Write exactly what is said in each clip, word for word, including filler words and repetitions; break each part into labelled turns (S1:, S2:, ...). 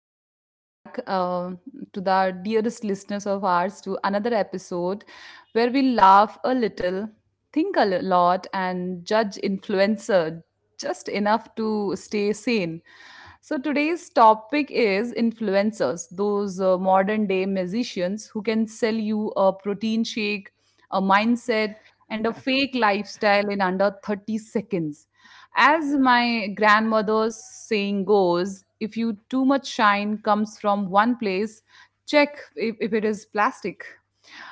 S1: welcome back uh, to the dearest listeners of ours, to another episode where we laugh a little, think a l- lot, and judge influencer just enough to stay sane. So, today's topic is influencers, those uh, modern day musicians who can sell you a protein shake, a mindset, and a fake lifestyle in under thirty seconds.
S2: Yeah.
S1: As my grandmother's saying goes, if you too much shine comes from one place, check if, if it is plastic.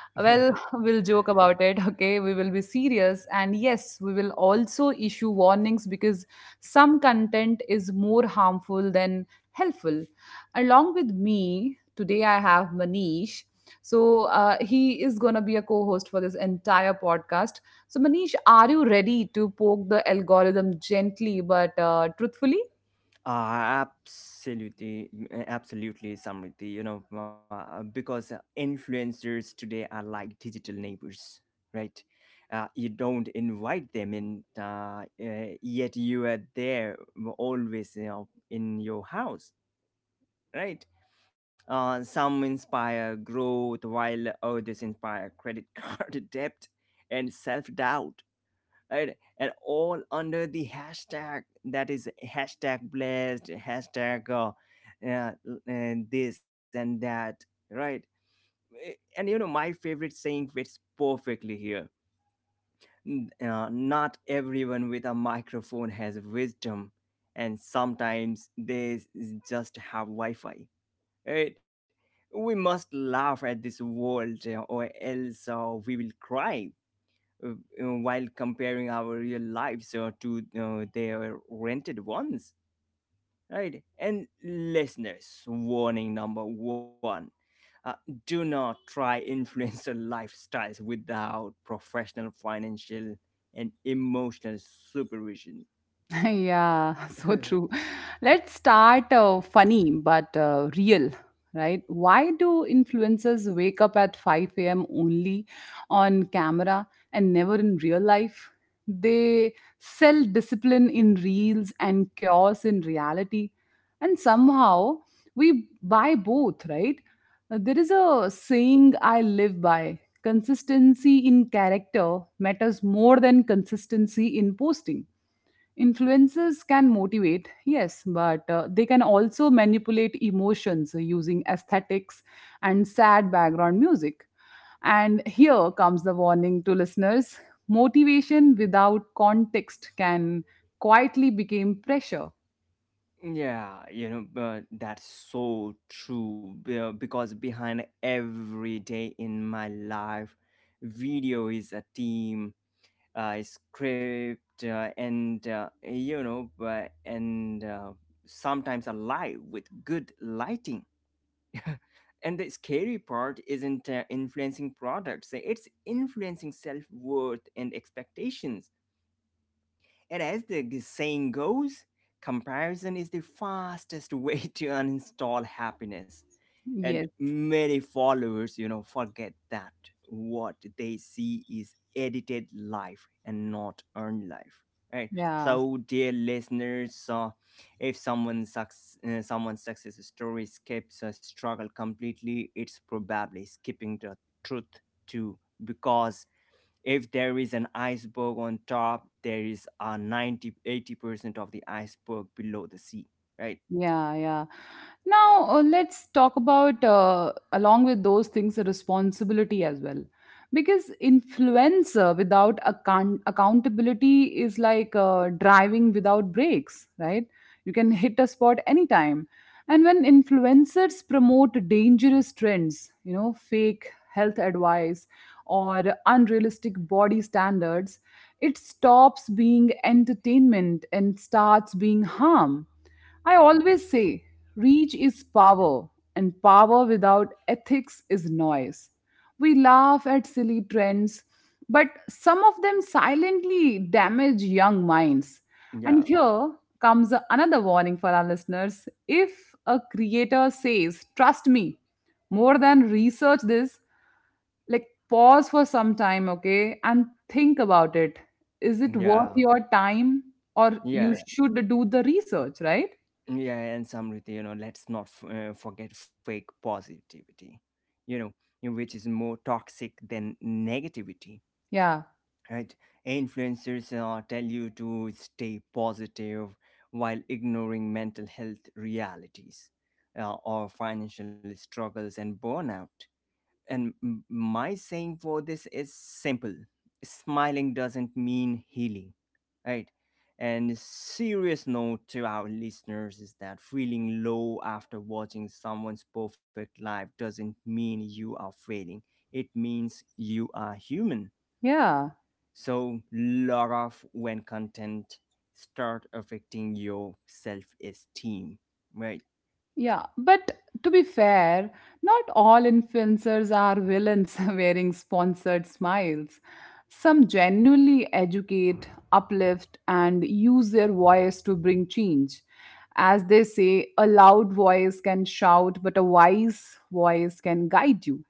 S2: Yeah.
S1: Well, we'll joke about it, okay? We will be serious. And yes, we will also issue warnings because some content is more harmful than helpful. Along with me, today I have Manish. So uh, he is going to be a co host for this entire podcast. So, Manish, are you ready to poke the algorithm gently but uh, truthfully?
S2: Uh, absolutely, uh, absolutely, Samriti. You know, uh, because uh, influencers today are like digital neighbors, right? Uh, you don't invite them in, uh, uh, yet you are there always, you know, in your house. Right? Uh, some inspire growth, while others inspire credit card debt and self doubt, right? And all under the hashtag, that is hashtag blessed, hashtag uh, uh, and this and that, right? Eh, And you know, my favorite saying fits perfectly here. Uh, not everyone with a microphone has wisdom, and sometimes they s- just have Wi Fi Right? We must laugh at this world, uh, or else uh, we will cry, uh, uh, while comparing our real lives uh, to uh, their rented ones. Right? And listeners, warning number one. Uh, do not try influencer lifestyles without professional financial and emotional supervision.
S1: Yeah, so true. Let's start uh, funny but uh, real, right? Why do influencers wake up at five a m only on camera and never in real life? They sell discipline in reels and chaos in reality. And somehow we buy both, right? Uh, There is a saying I live by: consistency in character matters more than consistency in posting. Influencers can motivate, yes, but uh, they can also manipulate emotions using aesthetics and sad background music. And here comes the warning to listeners: motivation without context can quietly become pressure.
S2: Yeah, you know, but that's so true, be- uh, because behind every "day in my life" video is a team, uh, script, uh, and uh, you know, but and uh, sometimes a live with good lighting. And the scary part isn't uh, influencing products; it's influencing self worth and expectations. And as the g- saying goes, comparison is the fastest way to uninstall happiness. And
S1: Yes,
S2: many followers, you know, forget that what they see is edited life and not earned life. Right.
S1: yeah.
S2: So, dear listeners, uh, if someone sucks, uh, someone's success story skips a struggle completely, it's probably skipping the truth too, because if there is an iceberg on top, there is a ninety eighty percent of the iceberg below the sea. Right?
S1: Yeah, yeah. Now, uh, let's talk about, uh, along with those things, the responsibility as well. Because influencer without account- accountability is like uh, driving without brakes, right? You can hit a spot anytime. And when influencers promote dangerous trends, you know, fake health advice or unrealistic body standards, it stops being entertainment and starts being harm. I always say reach is power, and power without ethics is noise. We laugh at silly trends, but some of them silently damage young minds.
S2: Yeah,
S1: And here comes another warning for our listeners. If a creator says, "Trust me," more than "research this," like, pause for some time, okay, and think about it. Is it worth
S2: yeah,
S1: your time? Or you
S2: yeah,
S1: should do the research, right?
S2: yeah. And, Samriti, you know let's not f- uh, forget fake positivity, you know you which is more toxic than negativity.
S1: Yeah.
S2: Right? Influencers uh, tell you to stay positive while ignoring mental health realities, uh, or financial struggles and burnout. And m- my saying for this is simple: smiling doesn't mean healing, right? And a serious note to our listeners is that feeling low after watching someone's perfect life doesn't mean you are failing, it means you are human.
S1: Yeah,
S2: So, log off when content start affecting your self esteem, right?
S1: yeah. But to be fair, not all influencers are villains wearing sponsored smiles. Some genuinely educate, uplift, and use their voice to bring change. As they say, a loud voice can shout, but a wise voice can guide you.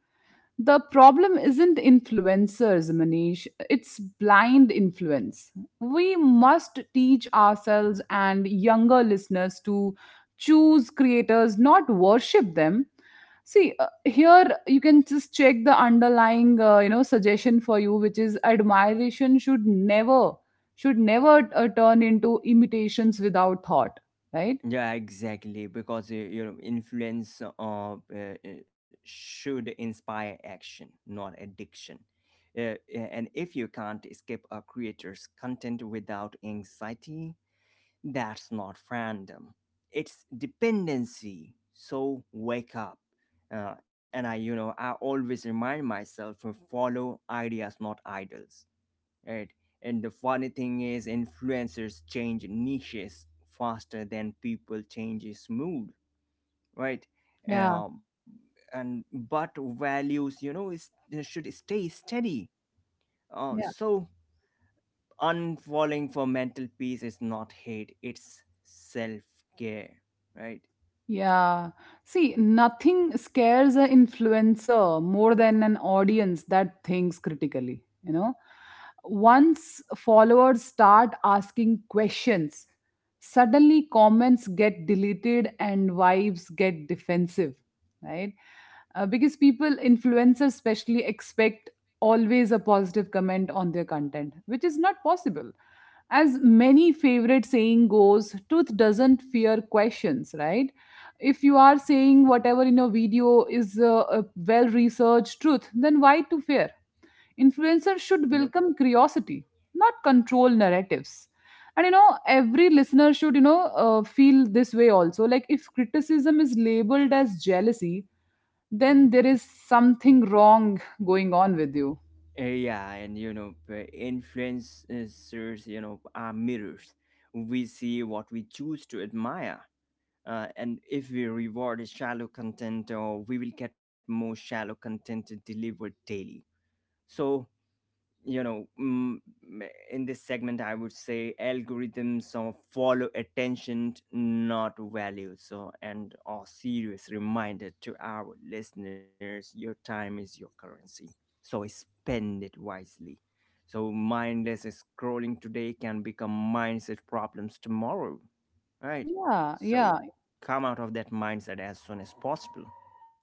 S1: The problem isn't influencers, Manish. It's blind influence. We must teach ourselves and younger listeners to choose creators, not worship them. See, uh, here you can just check the underlying, uh, you know, suggestion for you, which is admiration should never, should never uh, turn into imitations without thought, right?
S2: Yeah, exactly. Because uh, you know, influence uh, uh, uh, should inspire action, not addiction. Uh, uh, and if you can't escape a creator's content without anxiety, that's not fandom. It's dependency. So wake up. Uh, and I, you know, I always remind myself to follow ideas, not idols. Right? And the funny thing is, influencers change niches faster than people changes mood, right?
S1: Yeah.
S2: Um, and but values, you know, is, should stay steady. Uh, so unfollowing for mental peace is not hate; it's self care, right?
S1: Yeah. See, nothing scares an influencer more than an audience that thinks critically, you know. Once followers start asking questions, suddenly comments get deleted and vibes get defensive, right? Uh, because people, influencers especially, expect always a positive comment on their content, which is not possible. As many favorite saying goes, truth doesn't fear questions, right? If you are saying whatever in your video is a, a well researched truth, then why to fear? Influencers should
S2: Yep.
S1: welcome curiosity, not control narratives. And you know, every listener should, you know, uh, feel this way also. Like, if criticism is labeled as jealousy, then there is something wrong going on with you.
S2: Uh, yeah, and you know, p- influencers, you know, are mirrors. We see what we choose to admire. Uh, and if we reward shallow content, uh, we will get more shallow content delivered daily. So, you know mm, in this segment, I would say algorithms or follow attention, not value. So, and a serious reminder to our listeners: your time is your currency, so spend it wisely. So mindless scrolling today can become mindset problems tomorrow. Right?
S1: Yeah,
S2: So
S1: yeah.
S2: come out of that mindset as soon as possible.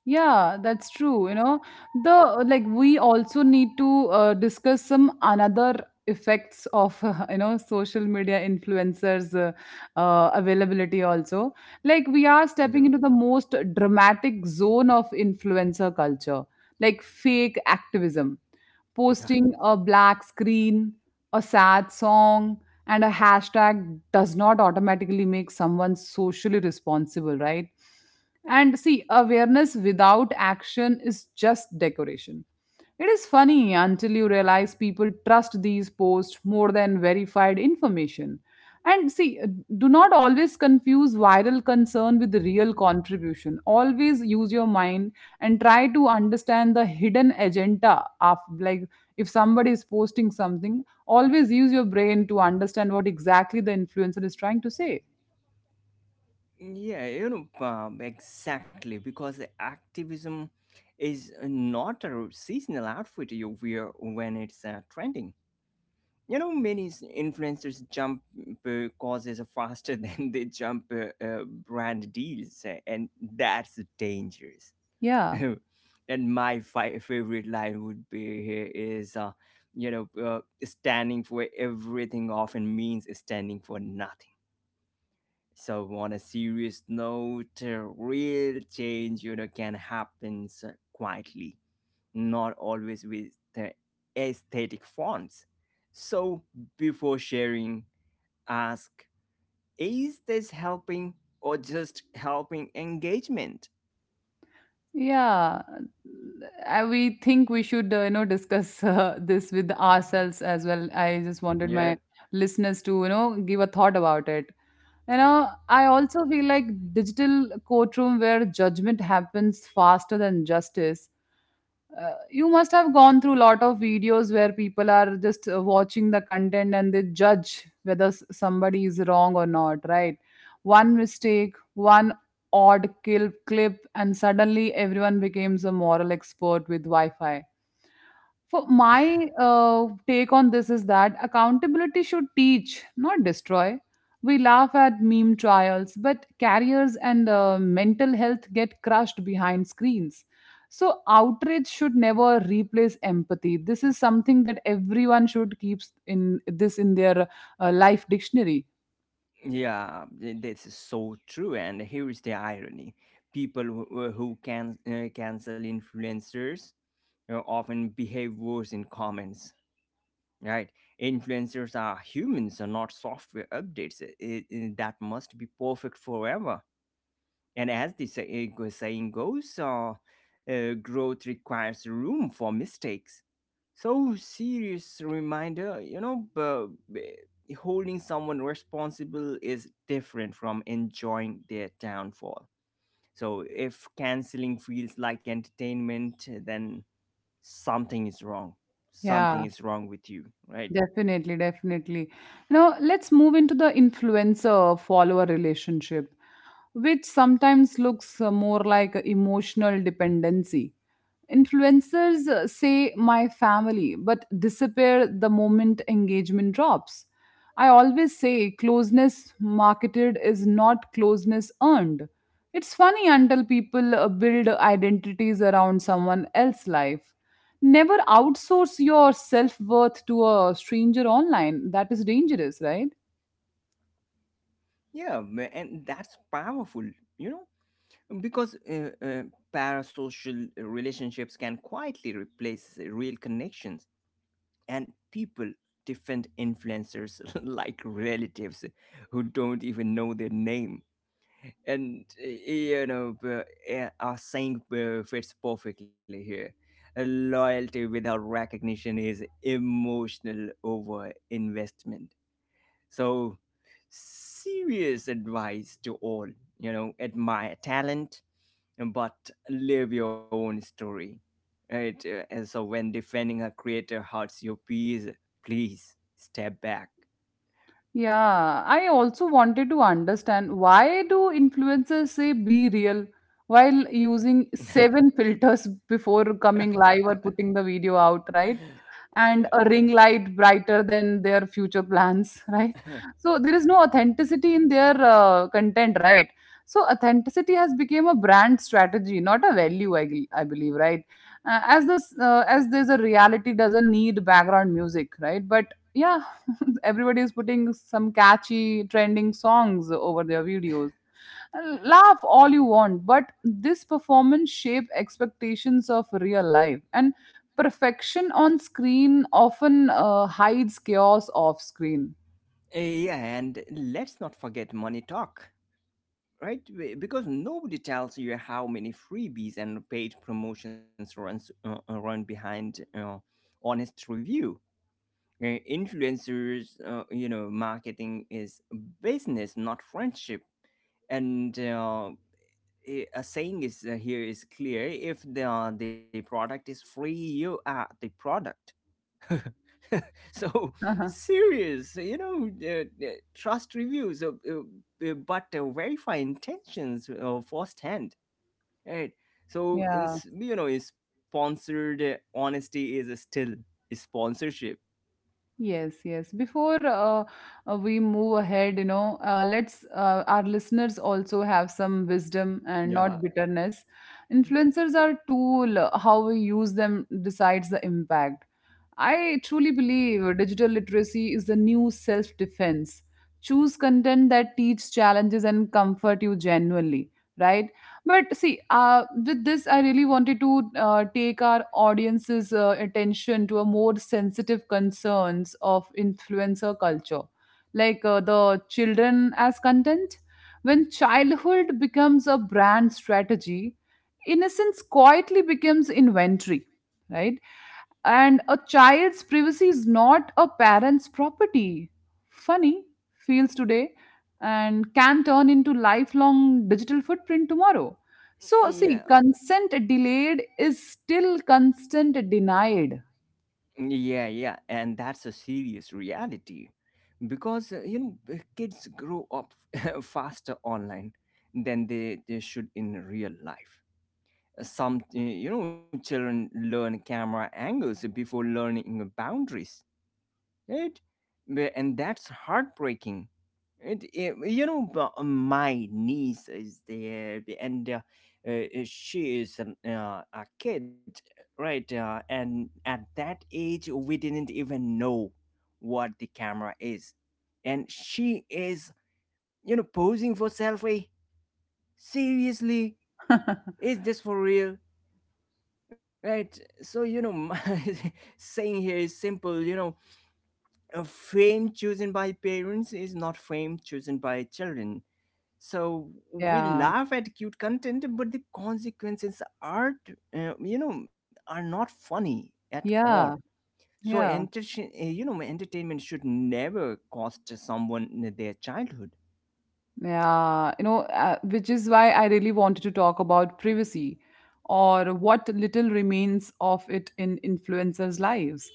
S1: Yeah, that's true. You know, the, like, we also need to uh, discuss some another effects of you know, social media influencers uh, uh, availability also. Like, we are stepping
S2: Yeah.
S1: into the most dramatic zone of influencer culture, like fake activism. Posting a black screen, a sad song, and a hashtag does not automatically make someone socially responsible, right? And see, awareness without action is just decoration. It is funny until you realize people trust these posts more than verified information. And see, do not always confuse viral concern with real contribution. Always use your mind and try to understand the hidden agenda of, like, if somebody is posting something, always use your brain to understand what exactly the influencer is trying to say.
S2: Yeah, you know, um, exactly, because the activism is not a seasonal outfit you wear when it's uh, trending. You know, many s- influencers jump uh, causes faster than they jump uh, uh, brand deals, uh, and that's dangerous.
S1: Yeah,
S2: And my fi- favorite line would be here is: uh, you know uh, standing for everything often means standing for nothing. So, on a serious note, uh, real change, you know can happen so quietly, not always with the aesthetic forms. So before sharing, ask: is this helping, or just helping engagement?
S1: yeah. I, we think we should uh, you know, discuss uh, this with ourselves as well. I just wanted
S2: Yeah.
S1: my listeners to, you know, give a thought about it. You know, I also feel like digital courtroom where judgment happens faster than justice. Uh, you must have gone through a lot of videos where people are just uh, watching the content and they judge whether s- somebody is wrong or not, right? One mistake, one odd kill clip, and suddenly everyone becomes a moral expert with Wi Fi. For my uh, take on this is that accountability should teach, not destroy. We laugh at meme trials, but careers and uh, mental health get crushed behind screens. So outrage should never replace empathy. This is something that everyone should keep in this, in their uh, life dictionary.
S2: Yeah, th- this is so true. And here is the irony: people who, who can uh, cancel influencers uh, often behave worse in comments. Right? Influencers are humans, are not software updates. I- I- I- that must be perfect forever. And as the say, uh, saying goes, uh, uh, growth requires room for mistakes. So, serious reminder: you know bu- b- holding someone responsible is different from enjoying their downfall. So if canceling feels like entertainment, then something is wrong. Something
S1: Yeah.
S2: is wrong with you. Right?
S1: Definitely, definitely. Now, let's move into the influencer follower relationship, which sometimes looks uh, more like a emotional dependency. Influencers uh, say my family, but disappear the moment engagement drops. I always say closeness marketed is not closeness earned. It's funny until people uh, build identities around someone else's life. Never outsource your self worth to a stranger online. That is dangerous, right?
S2: Yeah, m- and that's powerful. you know because uh, uh, parasocial relationships can quietly replace real connections. And people defend influencers like relatives who don't even know their name. And uh, you know uh, uh, our saying uh, fits perfectly here. Uh, loyalty without recognition is emotional over investment so, serious advice to all: you know, admire talent, but live your own story. Right? Uh, And so, when defending a creator hurts your peers, please step back.
S1: Yeah, I also wanted to understand why do influencers say be real while using seven filters before coming live or putting the video out, right?
S2: Yeah.
S1: And a ring light brighter than their future plans, right? So there is no authenticity in their uh, content, right? So authenticity has become a brand strategy, not a value, I, gl- I believe, right? Uh, as this, uh, as there's a reality doesn't need background music, right? But yeah, everybody is putting some catchy trending songs over their videos. Laugh all you want, but this performance shape expectations of real life, and perfection on screen often uh, hides chaos off screen.
S2: Eh, yeah, and let's not forget money talk. Right. Be- because nobody tells you how many freebies and paid promotions runs uh, uh, run behind uh, honest review. Uh, influencers uh, you know marketing is business, not friendship. And uh, a a saying is uh, here is clear: if the the product is free, you are the product. So, serious. you know uh, uh, Trust reviews, uh, uh, uh, but uh, verify intentions uh, firsthand. Right. So, in,
S1: Yeah.
S2: s- you know, sponsored uh, honesty is still sponsorship.
S1: Yes, yes. Before uh, uh, we move ahead, you know, uh, let's, uh, our listeners also have some wisdom and not
S2: Yeah.
S1: bitterness. Influencers are tool. Uh, how we use them decides the impact. I truly believe digital literacy is the new self-defense. Choose content that teach challenges and comfort you genuinely, right? But see, uh, with this, I really wanted to uh, take our audience's uh, attention to a more sensitive concerns of influencer culture, like uh, the children as content. When childhood becomes a brand strategy, innocence quietly becomes inventory, right? And a child's privacy is not a parent's property. Funny feels today and can turn into lifelong digital footprint tomorrow. So, see,
S2: Yeah.
S1: consent delayed is still consent denied.
S2: Yeah, yeah. And that's a serious reality because, uh, you know, uh, kids grow up faster online than they, they should in real life. Uh, Some, uh, you know, children learn camera angles before learning boundaries. Right? Wh- And that's heartbreaking. It, it- you know, but my niece is there, b- and uh, uh, uh, she is an, uh, a kid, right? Uh, and at that age, we didn't even know what the camera is, and she is, you know, posing for selfie. Seriously, is this for real? Right? So, you know, my saying here is simple. You know, a fame chosen by parents is not fame chosen by children. So we
S1: Yeah,
S2: laugh at cute content, but the consequences aren't, uh, you know, are not funny at all.
S1: yeah,
S2: So
S1: yeah,
S2: entertain, uh, you know, entertainment should never cost someone their childhood.
S1: yeah. You know, uh, which is why I really wanted to talk about privacy, or what little remains of it, in influencers' lives.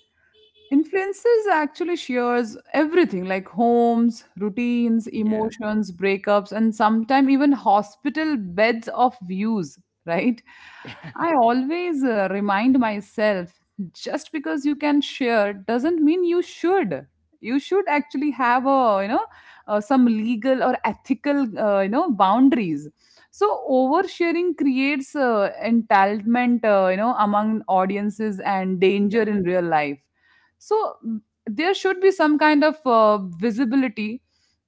S1: Influences actually shares everything, like homes, routines,
S2: Yeah.
S1: emotions, breakups, and sometimes even hospital beds of views, right? I always uh, remind myself, just because you can share doesn't mean you should. You should actually have a, you know, uh, some legal or ethical, uh, you know, boundaries. So oversharing creates uh, entitlement, uh, you know, among audiences and danger in real life. So, mm, there should be some kind of uh, visibility,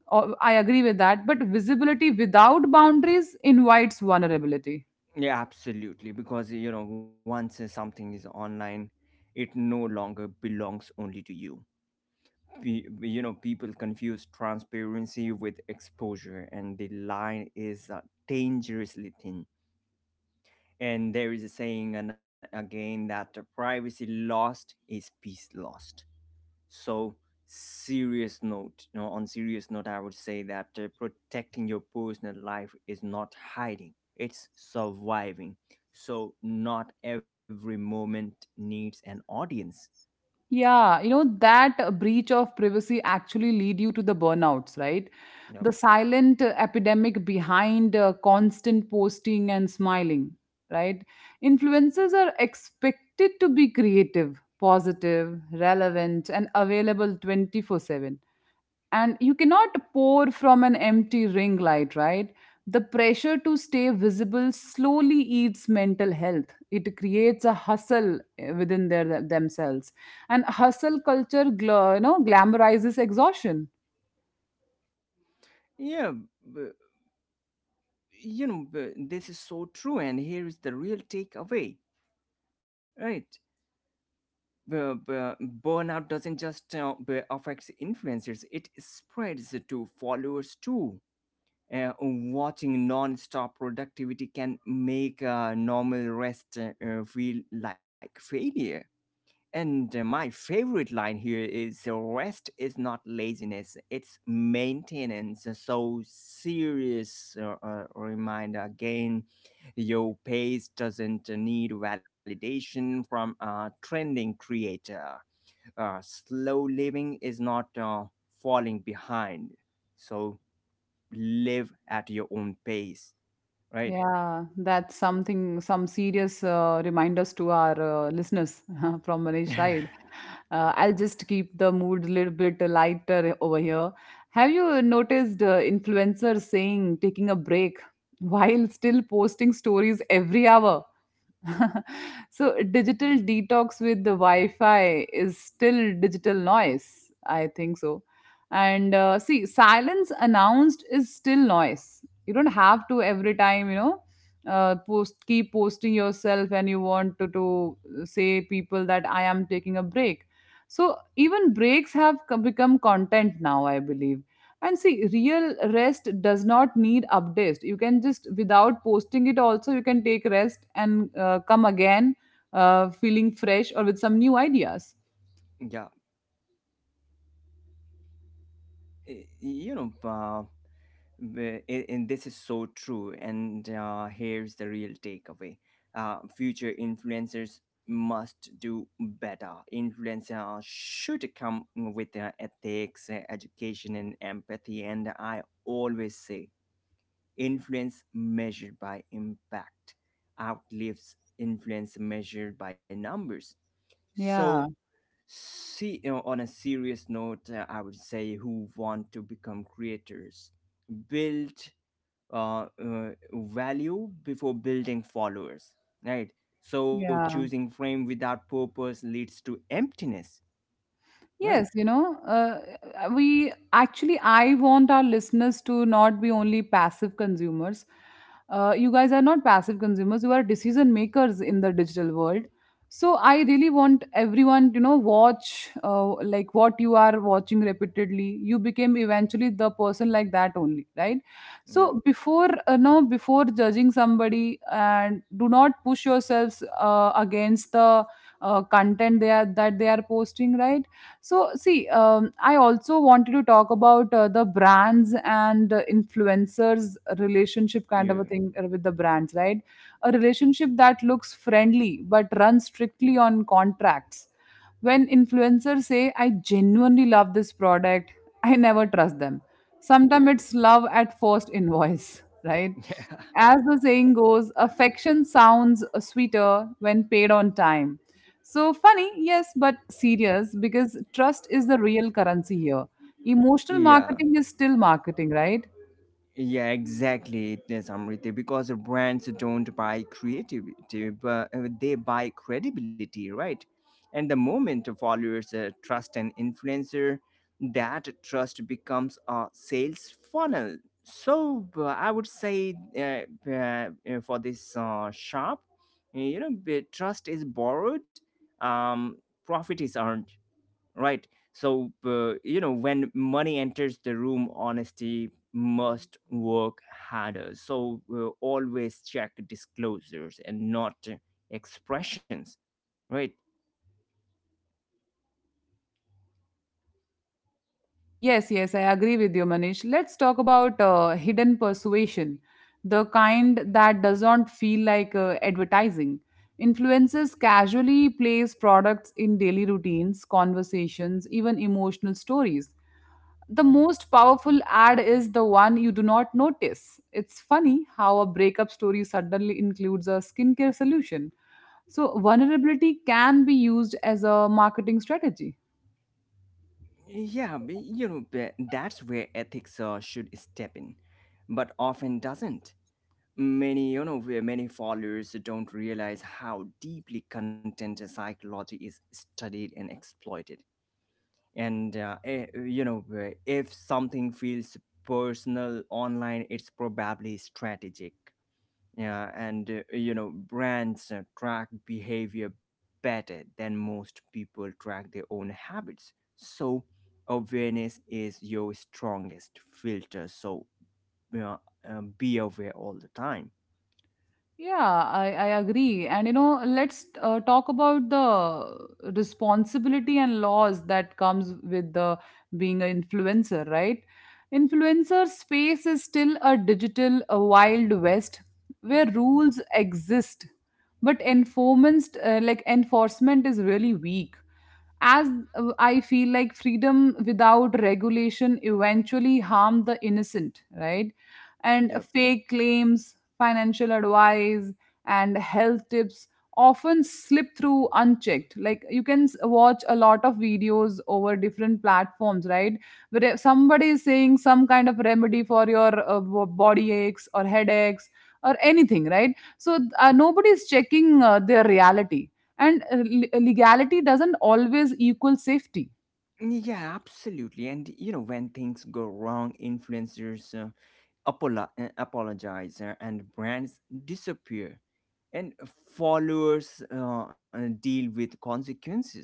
S1: or I agree with that, but visibility without boundaries invites vulnerability.
S2: Yeah, absolutely. Because, you know, once uh, something is online, it no longer belongs only to you. Pe- you know, people confuse transparency with exposure, and the line is uh, dangerously thin. And there is a saying, and again, that privacy lost is peace lost. So, serious note, you know on serious note, I would say that uh, protecting your personal life is not hiding, it's surviving. So not every moment needs an audience.
S1: Yeah, you know, that uh, breach of privacy actually lead you to the burnouts, right?
S2: Yep.
S1: The silent uh, epidemic behind uh, constant posting and smiling, right? Influencers are expected to be creative, positive, relevant, and available twenty-four seven, and you cannot pour from an empty ring light, right? The pressure to stay visible slowly eats mental health. It creates a hustle, eh, within their themselves, and hustle culture gla- you know glamorizes exhaustion.
S2: Yeah, but, you know but this is so true, and here is the real takeaway. Right? Bu- bu- Burnout doesn't just uh, bu- affect influencers, it spreads to followers too. Uh, watching non-stop productivity can make uh, normal rest uh, uh, feel like failure. And uh, my favorite line here is: uh, rest is not laziness, it's maintenance. So, serious uh, uh, reminder again: your pace doesn't need validation from a trending creator. Uh, slow living is not uh, falling behind. So live at your own pace. Right?
S1: Yeah, that's something, some serious uh, reminders to our uh, listeners from Manish's
S2: Yeah.
S1: side. Uh, I'll just keep the mood a little bit lighter over here. Have you noticed uh, influencers saying taking a break while still posting stories every hour? So digital detox with the wi-fi is still digital noise, I think so. And uh, see, silence announced is still noise. You don't have to every time, you know, uh, post, keep posting yourself, and you want to, to say people that I am taking a break. So even breaks have co- become content now, I believe. And see, real rest does not need updates. You can just, without posting it, also, you can take rest and uh, come again uh, feeling fresh or with some new ideas.
S2: you know uh, w- i- and this is so true. And uh, here's the real takeaway: uh, future influencers must do better. Influencers should come with uh, ethics, uh, education, and empathy. And I always say: influence measured by impact outlives influence measured by numbers. So.
S1: Yeah.
S2: See, you know, on a serious note, uh, I would say, who want to become creators, build uh, uh, value before building followers, right? So
S1: Yeah.
S2: choosing frame without purpose leads to emptiness,
S1: Yes,
S2: right?
S1: you know, uh, uh, we actually, I want our listeners to not be only passive consumers. Uh, you guys are not passive consumers, you are decision makers in the digital world. So I really want everyone to, you know, watch, uh, like, what you are watching repeatedly. You became eventually the person like that only, right? So
S2: Yeah.
S1: before, uh, no, before judging somebody and do not push yourselves uh, against the uh, content they are that they are posting, right? So, see, um, I also wanted to talk about uh, the brands and uh, influencers' relationship kind of a
S2: Yeah.
S1: thing uh, with the brands, right? A relationship that looks friendly but runs strictly on contracts. When influencers say, I genuinely love this product, I never trust them. Sometimes it's love at first invoice, right?
S2: Yeah,
S1: As the saying goes, affection sounds sweeter when paid on time. So funny, yes, but serious, because trust is the real currency here. Emotional
S2: yeah,
S1: marketing is still marketing, right?
S2: yeah, exactly, yes, Amriti. Because brands don't buy creativity, but uh, they buy credibility, right? And the moment followers uh, trust an influencer, that trust becomes a sales funnel. So uh, I would say, uh, uh, uh, for this uh, shop, you know, the trust is borrowed, um, profit is earned. Right. So uh, you know when money enters the room, honesty must work harder. So uh, always check disclosures, and not uh, expressions. Right?
S1: Yes, yes, I agree with you, Manish. Let's talk about uh, hidden persuasion, the kind that does not feel like uh, advertising. Influencers casually place products in daily routines, conversations, even emotional stories. The most powerful ad is the one you do not notice. It's funny how a breakup story suddenly includes a skincare solution. So, vulnerability can be used as a marketing strategy.
S2: Yeah, b- you know b- that's where ethics uh, should step in, but often doesn't. Many you know where many followers don't realize how deeply content psychology is studied and exploited. And uh, eh, you know eh, if something feels personal online, it's probably strategic. Yeah. And uh, you know brands uh, track behavior better than most people track their own habits. So awareness is your strongest filter. So, uh, uh, be aware all the time.
S1: Yeah, I, I agree. And you know, let's uh, talk about the responsibility and laws that comes with the being an influencer, right? Influencer space is still a digital a wild west where rules exist, but enforcement, uh, like, enforcement is really weak. As uh, I feel, like, freedom without regulation eventually harm the innocent, right? And
S2: Yep.
S1: fake claims, financial advice and health tips often slip through unchecked. Like, you can s- watch a lot of videos over different platforms, right? Where, if somebody is saying some kind of remedy for your uh, bo- body aches or headaches or anything, right? So uh, nobody is checking uh, their reality, and uh, le- legality doesn't always equal safety.
S2: Yeah, absolutely. And you know, when things go wrong, influencers uh, apolo- uh, apologize uh, and brands disappear, and followers uh, uh, deal with consequences,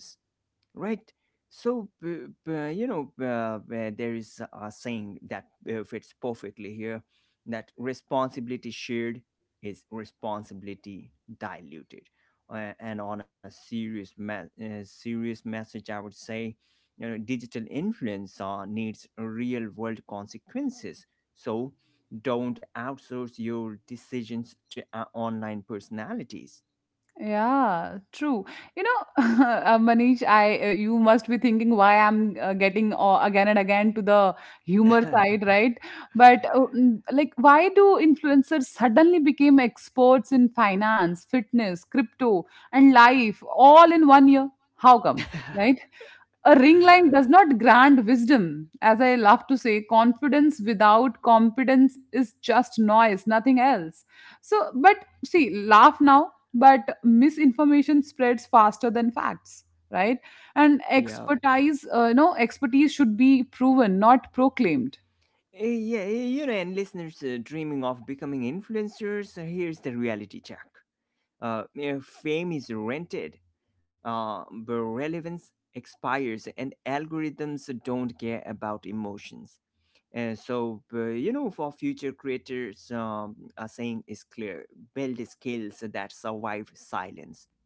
S2: right? So b- b- you know uh, uh, there is a saying that uh, fits perfectly here, that responsibility shared is responsibility diluted. Uh, and on a serious me- uh, serious message, I would say, you know, digital influence uh, needs real world consequences. So don't outsource your decisions to uh, online personalities.
S1: Yeah, true. You know, uh, Manish, I uh, you must be thinking why I'm uh, getting uh, again and again to the humor side, right? But uh, mm, like, why do influencers suddenly became experts in finance, fitness, crypto, and life, all in one year? How come, right? A ring line does not grant wisdom. As I love to say, confidence without competence is just noise, nothing else. So, but see, laugh now, but misinformation spreads faster than facts, right? And
S2: Yeah.
S1: expertise uh, you know expertise should be proven, not proclaimed.
S2: Eh, Yeah, eh, you know, and listeners uh, dreaming of becoming influencers, uh, here's the reality check. Uh, eh, fame is rented, uh, but relevance expires, and algorithms don't care about emotions. And so, but, you know, for future creators, um, a saying is clear: build skills that survive silence,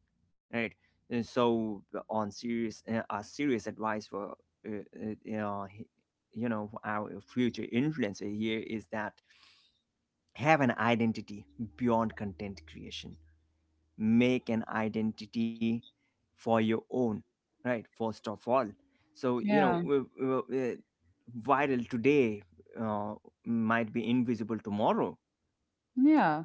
S2: right? And so, uh, on serious, uh, a serious advice for uh, uh, you know, he- you know, our future influencer here is that, have an identity beyond content creation. Make an identity for your own, right? First of all. So you know,
S1: Yeah,
S2: w- w- uh, viral today uh, might be invisible tomorrow.
S1: yeah.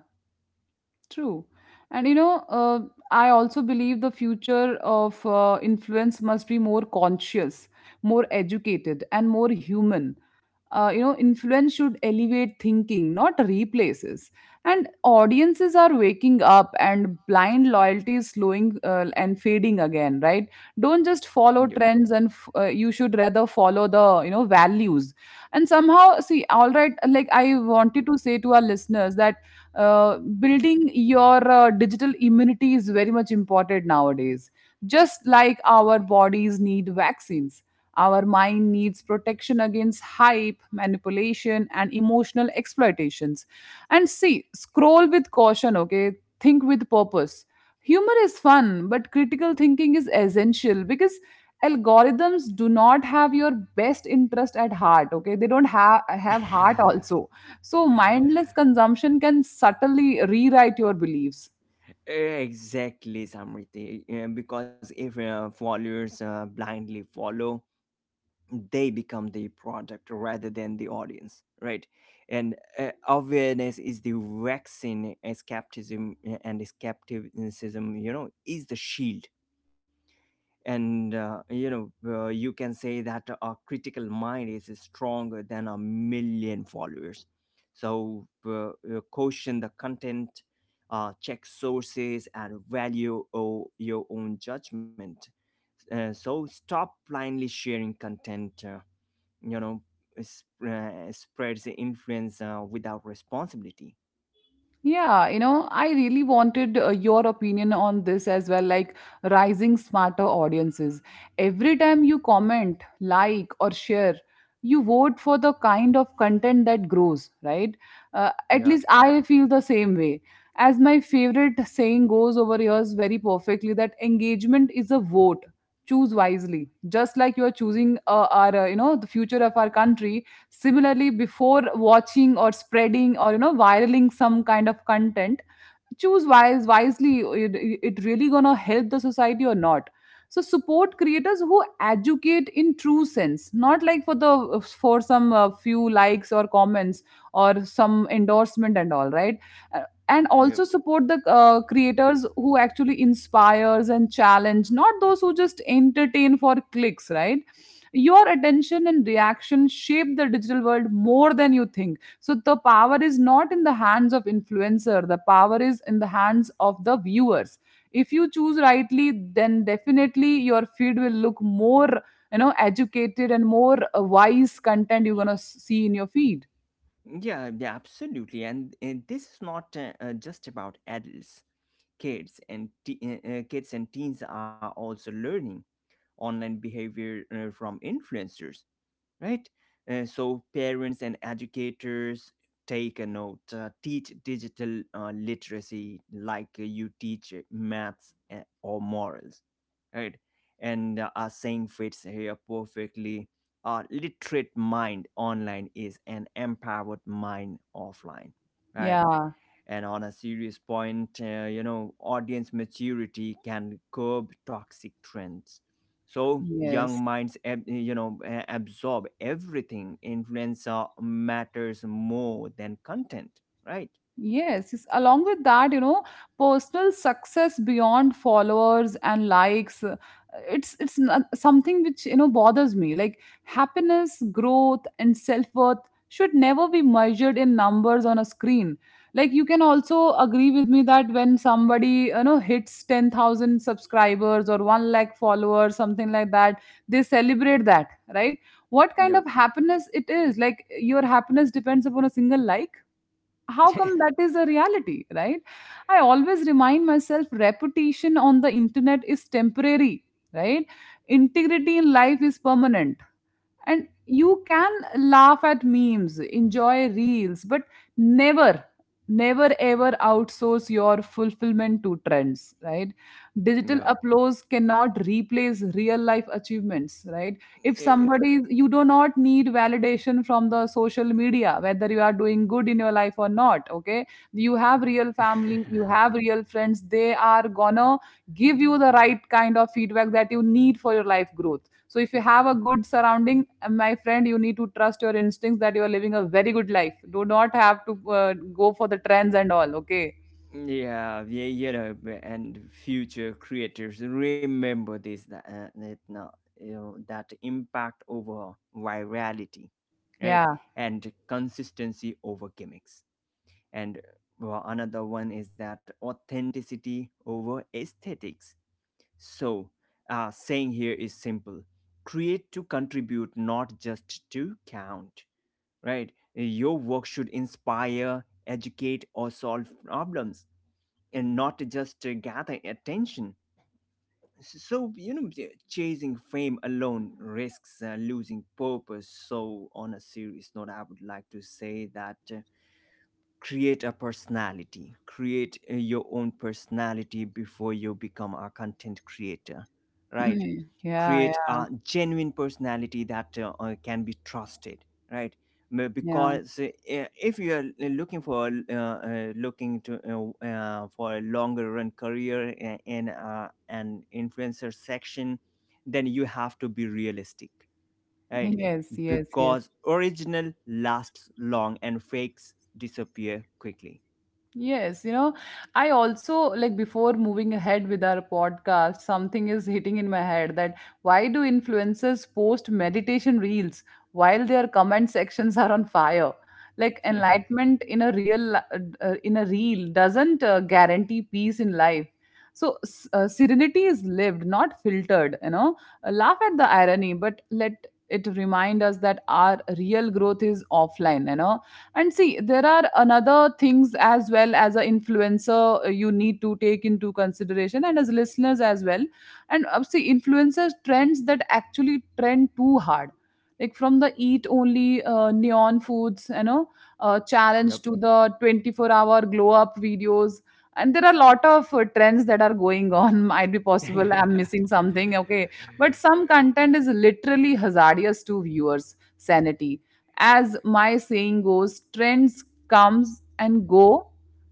S1: True. And you know, uh, I also believe the future of uh, influence must be more conscious, more educated, and more human. Uh, you know, influence should elevate thinking, not replaces. And audiences are waking up, and blind loyalty is slowing uh, and fading again, right? Don't just
S2: Yeah.
S1: follow trends, and f- uh, you should rather follow the, you know values, and somehow see, all right, like, I wanted to say to our listeners that uh, building your uh, digital immunity is very much important nowadays. Just like our bodies need vaccines, our mind needs protection against hype, manipulation and emotional exploitations. And see, scroll with caution, okay? Think with purpose. Humor is fun, but critical thinking is essential, because algorithms do not have your best interest at heart. Okay, they don't have have heart also. So mindless consumption can subtly rewrite your beliefs.
S2: Exactly, Samriti. Yeah. Because if uh, followers uh, blindly follow, they become the product rather than the audience, right? And uh, awareness is the vaccine, escapism, and escapism, you know, is the shield. And uh, you know, uh, you can say that a critical mind is stronger than a million followers. So uh, uh, caution the content, uh, check sources and value o- your own judgment. Uh, so stop blindly sharing content, uh, you know sp- uh, spreads influence uh, without responsibility.
S1: Yeah, you know, I really wanted uh, your opinion on this as well, like rising smarter audiences. Every time you comment, like, or share, you vote for the kind of content that grows, right? Uh, at least
S2: Yeah.
S1: I feel the same way. As my favorite saying goes over here is very perfectly that engagement is a vote. Choose wisely, just like you are choosing uh, our, uh, you know, the future of our country. Similarly, before watching or spreading or you know viraling some kind of content, choose wise wisely, it, it really gonna help the society or not. So support creators who educate in true sense, not like for the for some uh, few likes or comments or some endorsement and all, right? Uh, and also
S2: Yep.
S1: support the uh, creators who actually inspires and challenge, not those who just entertain for clicks, right? Your attention and reaction shape the digital world more than you think. So the power is not in the hands of influencer, the power is in the hands of the viewers. If you choose rightly, then definitely your feed will look more, you know educated, and more uh, wise content you're going to see in your feed.
S2: Yeah, yeah, absolutely. And, and this is not uh, uh, just about adults. Kids and te- uh, uh, kids and teens are also learning online behavior uh, from influencers, right? Uh, so parents and educators, take a note. Uh, teach digital uh, literacy like you teach maths uh, or morals, right? And uh, our saying fits here perfectly. A literate mind online is an empowered mind offline, right?
S1: Yeah,
S2: And on a serious point, uh, you know, audience maturity can curb toxic trends. So young
S1: yes.
S2: minds, ab- you know, a- absorb everything. Influencer matters more than content, right?
S1: Yes, yes. Along with that, you know, personal success beyond followers and likes, uh, it's it's not something which, you know bothers me. Like, happiness, growth, and self worth should never be measured in numbers on a screen. Like, you can also agree with me that when somebody, you know hits ten thousand subscribers or one lakh followers, something like that, they celebrate that, right? What kind
S2: Yep.
S1: of happiness it is? Like, your happiness depends upon a single like. How come that is a reality, right? I always remind myself, reputation on the internet is temporary, right? Integrity in life is permanent. And you can laugh at memes, enjoy reels, but never, never ever outsource your fulfillment to trends, right? Digital
S2: Yep.
S1: uploads cannot replace real life achievements, right? If
S2: Yeah.
S1: somebody, you do not need validation from the social media, whether you are doing good in your life or not, okay? You have real family, you have real friends, they are gonna give you the right kind of feedback that you need for your life growth. So if you have a good surrounding and, my friend, you need to trust your instincts that you are living a very good life. Do not have to uh, go for the trends and all, okay?
S2: Yeah, yeah, you know, b- and future creators, remember this, that, uh, that now, you know, that impact over virality, right?
S1: Yeah.
S2: And consistency over gimmicks. And uh, well, another one is that authenticity over aesthetics. So, uh, saying here is simple: create to contribute, not just to count, right? Your work should inspire, educate, or solve problems and not just uh, gather attention. So, you know, chasing fame alone risks uh, losing purpose. So, on a serious note, I would like to say that, uh, create a personality, create uh, your own personality before you become a content creator, right?
S1: Yeah,
S2: Create
S1: yeah,
S2: a genuine personality that uh, uh, can be trusted, right? M-
S1: yeah.
S2: because uh, if you are looking for uh, uh, looking to uh, uh, for a longer run career i- in uh, an influencer section, then you have to be realistic, right?
S1: Yes, yes, yes.
S2: Because original lasts long and fakes disappear quickly.
S1: Yes, you know, I also, like, before moving ahead with our podcast, something is hitting in my head that why do influencers post meditation reels while their comment sections are on fire? Like, enlightenment in a real uh, in a reel doesn't uh, guarantee peace in life. So s- uh, serenity is lived, not filtered, you know. Uh, laugh at the irony, but let it remind us that our real growth is offline, you know. And see, there are another things as well. As an influencer, uh, you need to take into consideration, and as listeners as well. And uh, see, influencers trends that actually trend too hard, like, from the eat only uh, neon foods, you know, uh, challenge,
S2: Yep.
S1: to the twenty-four hour glow up videos, and there are a lot of uh, trends that are going on. Might be possible I'm missing something, okay, but some content is literally hazardous to viewers sanity. As my saying goes, trends comes and go,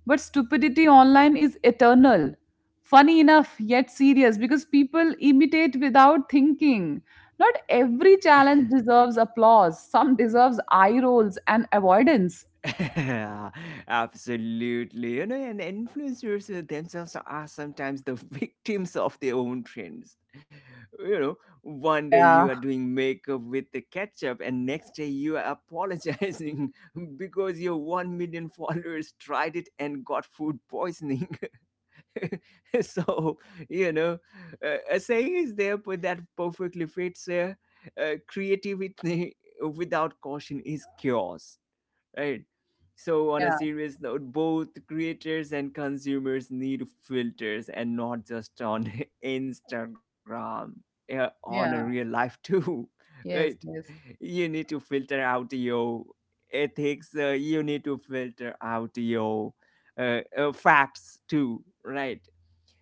S1: but stupidity online is eternal. Funny enough, yet serious, because people imitate without thinking. Not every challenge deserves applause. Some deserves eye rolls and avoidance.
S2: Absolutely. You know, and influencers uh, themselves are sometimes the victims of their own trends. You know, one day
S1: Yeah,
S2: you are doing makeup with the ketchup, and next day you are apologizing because your 1 million followers tried it and got food poisoning. So you know, uh, a saying is there but that perfectly fits here, uh, creativity without caution is chaos, right? So on a
S1: yeah,
S2: serious note, both creators and consumers need filters and not just on Instagram, yeah, on a real
S1: yeah.
S2: life too. Right?
S1: Yes, yes,
S2: You need to filter out your ethics, uh, you need to filter out your uh, uh, facts too, right?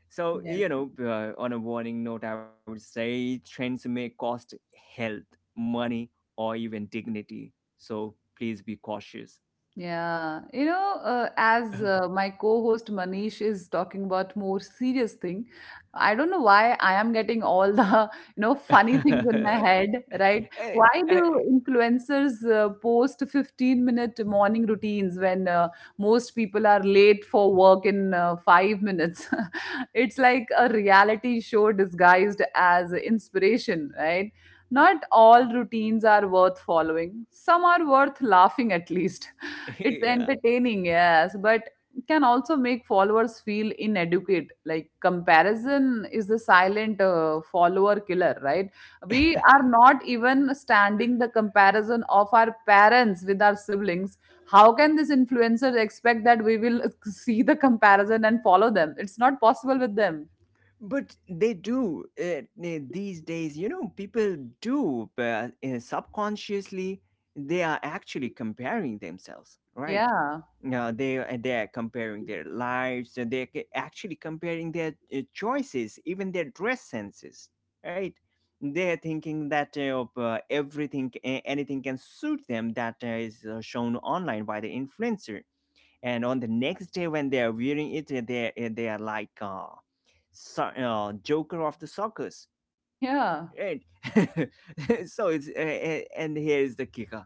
S2: So,
S1: yes.
S2: you know, uh, on a warning note, I would say trends may cost health, money, or even dignity. So please be cautious.
S1: Yeah, you know, uh, as uh, my co-host Manish is talking about more serious thing, I don't know why I am getting all the, you know, funny things in my head, right?
S2: Eh,
S1: Why
S2: eh,
S1: do influencers uh, post fifteen minute morning routines when uh, most people are late for work in uh, five minutes? It's like a reality show disguised as inspiration, right? Not all routines are worth following. Some are worth laughing at, least. It's
S2: yeah.
S1: entertaining, yes, but can also make followers feel inadequate. Like, comparison is the silent uh, follower killer, right? We are not even standing the comparison of our parents with our siblings. How can these influencers expect that we will see the comparison and follow them? It's not possible with them.
S2: But they do uh, eh, these days, you know, people do, uh, eh, subconsciously, they are actually comparing themselves, right?
S1: Yeah,
S2: Uh, they eh, they are comparing their lives, and they're ca- actually comparing their eh, choices, even their dress senses, right? They are thinking that uh, uh, everything, eh, anything can suit them that uh, is uh, shown online by the influencer. And on the next day, when they are wearing it, eh, they eh, they are like. Uh, so, uh, joker of the circus,
S1: yeah,
S2: right? So it's uh, uh, and here is the kicker,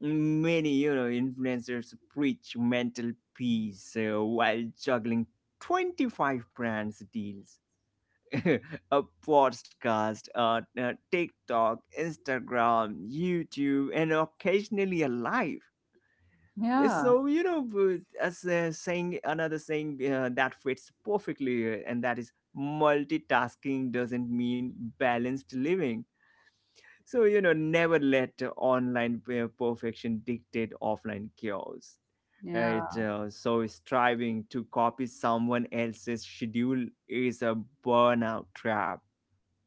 S2: many, you know, influencers preach mental peace uh, while juggling twenty-five brands deals, a podcast, uh, uh, TikTok, Instagram, YouTube, and occasionally a live. Eh,
S1: yeah,
S2: so you know, b- as uh, saying another saying uh, that fits perfectly, uh, and that is multitasking doesn't mean balanced living. So you know, never let online p- perfection dictate offline chaos,
S1: yeah.
S2: right? Uh, so striving to copy someone else's schedule is a burnout trap.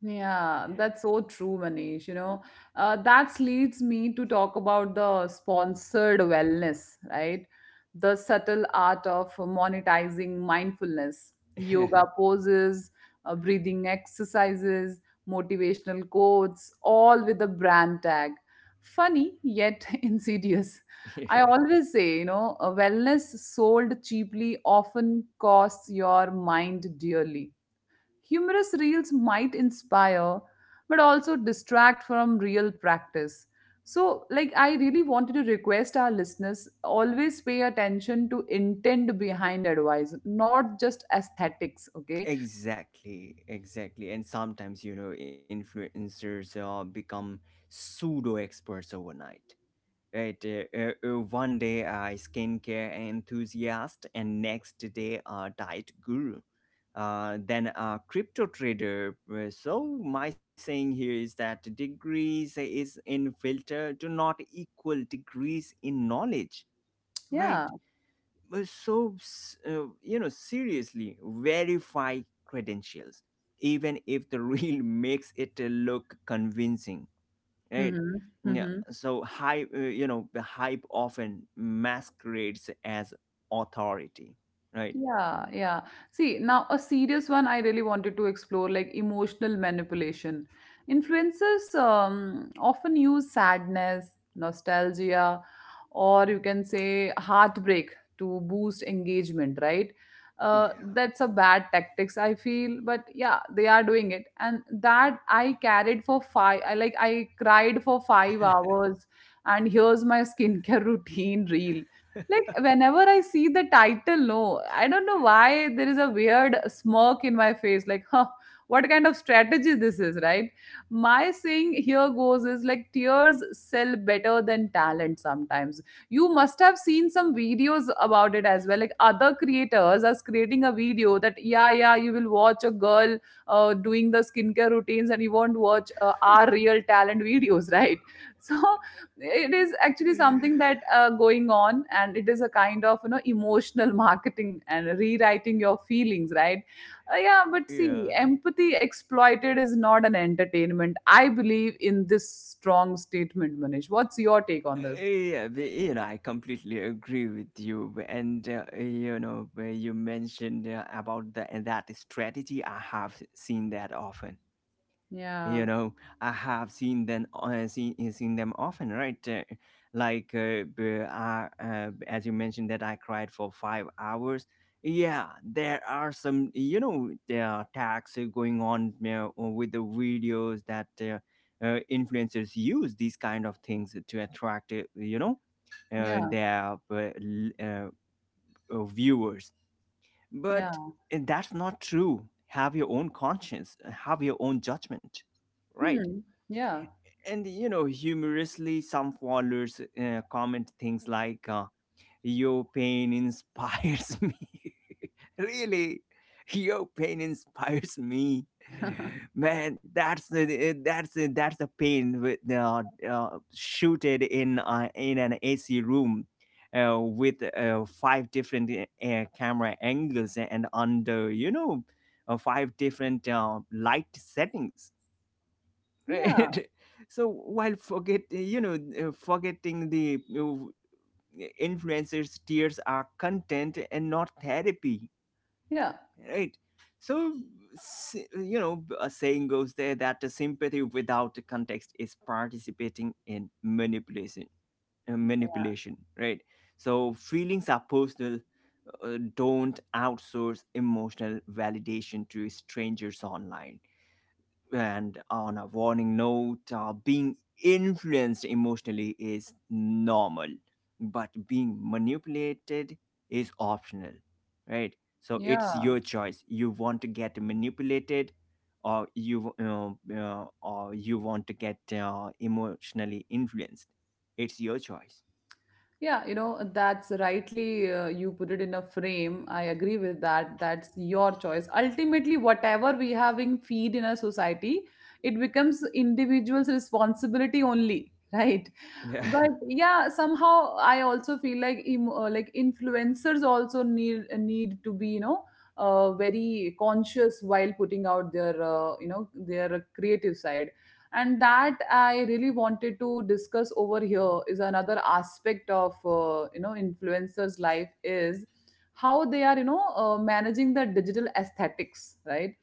S1: Yeah, that's so true, Manish. You know, uh, that leads me to talk about the sponsored wellness, right? The subtle art of monetizing mindfulness, yoga poses, uh, breathing exercises, motivational quotes, all with a brand tag. Funny, yet insidious. I
S2: Yeah.
S1: always say, you know, a wellness sold cheaply often costs your mind dearly. Humorous reels might inspire, but also distract from real practice. So, like, I really wanted to request our listeners always pay attention to intent behind advice, not just aesthetics. Okay.
S2: Exactly, exactly. And sometimes, you know, influencers uh, become pseudo experts overnight. Right? Uh, uh, uh, one day, a skincare enthusiast, and next day, a diet guru. Uh, then a crypto trader. Uh, So, my saying here is that degrees is in filter do not equal degrees in knowledge,
S1: Yeah.
S2: right? Uh, So, s- uh, you know, seriously, verify credentials, even if the reel makes it uh, look convincing, right? Yeah.
S1: Hmm.
S2: So, hype, uh, you know, the hype often masquerades as authority, right?
S1: Yeah, yeah. See, now a serious one I really wanted to explore, like, emotional manipulation. Influencers um, often use sadness, nostalgia, or you can say heartbreak to boost engagement, right? Uh,
S2: Yeah.
S1: that's a bad tactics, I feel, but yeah, they are doing it. And that I carried for five, I like I cried for five hours, and here's my skincare routine reel. Like, whenever I see the title, no, I don't know why there is a weird smirk in my face. Like, huh, what kind of strategy this is, right? My saying here goes is like, tears sell better than talent sometimes. You must have seen some videos about it as well. Like, other creators are creating a video that, yeah, yeah, you will watch a girl uh, doing the skincare routines and you won't watch uh, our real talent videos, right? So it is actually something that uh, going on, and it is a kind of you know emotional marketing and rewriting your feelings, right? Uh, yeah, but see,
S2: Yeah.
S1: empathy exploited is not an entertainment. I believe in this strong statement. Manish, what's your take on this?
S2: Yeah, but, you know, I completely agree with you. And uh, you know, where you mentioned uh, about the and that strategy, I have seen that often,
S1: Yeah,
S2: you know, I have seen them uh, seen, uh, seen them often, right? Uh, like uh, b- I, uh, as you mentioned, that I cried for five hours. Yeah, there are some, you know, there are tags going on uh, with the videos that uh, uh, influencers use these kind of things to attract uh, you know, uh,
S1: yeah,
S2: their uh, l- uh, uh, viewers.
S1: yeah.
S2: But eh, that's not true. Have your own conscience, have your own judgment, right?
S1: Hmm. Yeah,
S2: And you know, humorously, some followers uh, comment things like, uh, your pain inspires me. Really? Your pain inspires me. Man, that's the eh, that's the that's the pain with uh, uh, shooted in uh, in an AC room, uh, with uh, five different uh, camera angles and under, you know, uh, five different uh, light settings,
S1: yeah,
S2: right? So while forget, you know, uh, forgetting the, uh, influencers tears are content and not therapy,
S1: yeah,
S2: right? So, s- you know, a saying goes there that the sympathy without the context is participating in manipulation, uh, manipulation, right? So feelings are personal. Uh, don't outsource emotional validation to strangers online. And on a warning note, uh, being influenced emotionally is normal, but being manipulated is optional, right? So it's
S1: yeah.
S2: your choice. You want to get manipulated, or you uh, uh, or you want to get uh, emotionally influenced. It's your choice.
S1: Yeah, you know, that's rightly uh, you put it in a frame. I agree with that. That's your choice. Ultimately, whatever we having feed in a society, it becomes individual's responsibility only, right? But
S2: Yeah,
S1: yeah, somehow I also feel like emo- uh, like influencers also need need to be, you know, uh, very conscious while putting out their, uh, you know their creative side. And that I really wanted to discuss over here is another aspect of, uh, you know influencers life, is how they are, you know uh, managing the digital aesthetics, right?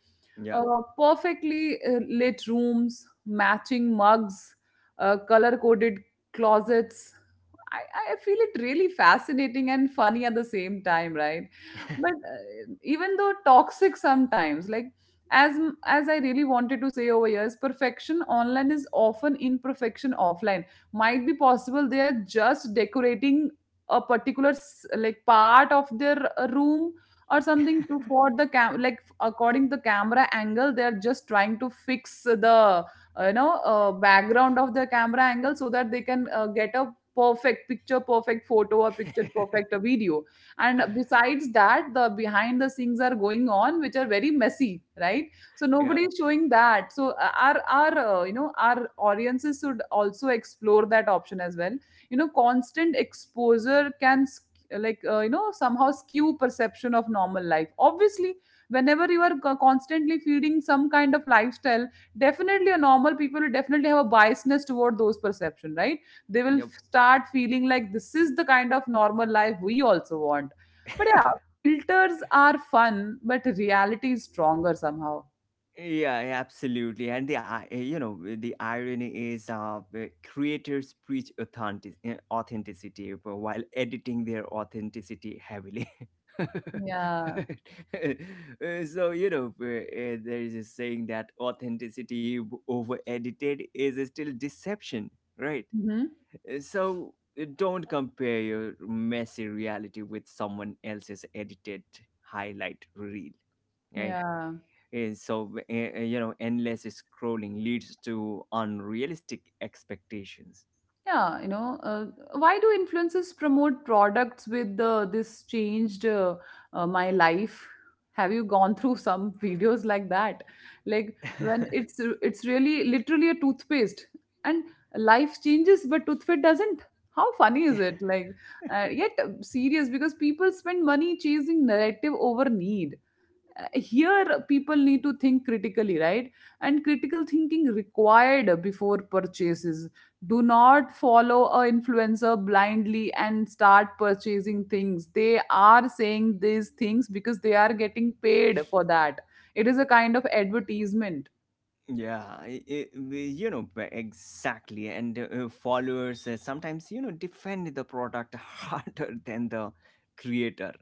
S2: yeah.
S1: uh, Perfectly uh, lit rooms, matching mugs, uh, color coded closets. I, I feel it really fascinating and funny at the same time, right? But uh, even though toxic sometimes, like as m- as I really wanted to say over here, is perfection online is often imperfection offline. Might be possible they are just decorating a particular s- like part of their uh, room or something to for the cam, like according to the camera angle, they are just trying to fix the uh, you know uh, background of the camera angle, so that they can uh, get a perfect picture perfect photo or picture perfect a video. And besides that, the behind the scenes are going on, which are very messy, right? So nobody
S2: Yeah.
S1: is showing that. So uh, our our uh, you know our audiences should also explore that option as well. You know, constant exposure can sk- like, uh, you know somehow skew perception of normal life, obviously. Whenever you are co- constantly feeding some kind of lifestyle, definitely a normal people will definitely have a biasness toward those perception, right? They will f-
S2: Yep.
S1: start feeling like this is the kind of normal life we also want. But yeah, filters are fun, but reality is stronger somehow.
S2: Yeah, yeah, absolutely. And the, i- you know, the irony is, uh the creators preach authentic authenticity while editing their authenticity heavily.
S1: Yeah.
S2: Uh, so you know, uh, uh, there is a saying that authenticity over edited is still deception, right?
S1: Hmm.
S2: Uh, so uh, don't compare your messy reality with someone else's edited highlight reel, right?
S1: Yeah.
S2: And so, uh, uh, you know, endless scrolling leads to unrealistic expectations.
S1: Yeah, you know, uh, why do influencers promote products with, uh, this changed uh, uh, my life? Have you gone through some videos like that? Like, when it's it's really literally a toothpaste and life changes, but toothpaste doesn't. How funny is it? Like, uh, yet uh, serious, because people spend money chasing narrative over need. Uh, Here, people need to think critically, right? And critical thinking required before purchases. Do not follow a influencer blindly and start purchasing things. They are saying these things because they are getting paid for that. It is a kind of advertisement.
S2: Yeah, I- I- we- you know, b- exactly, and uh, followers uh, sometimes, you know, defend the product harder than the creator,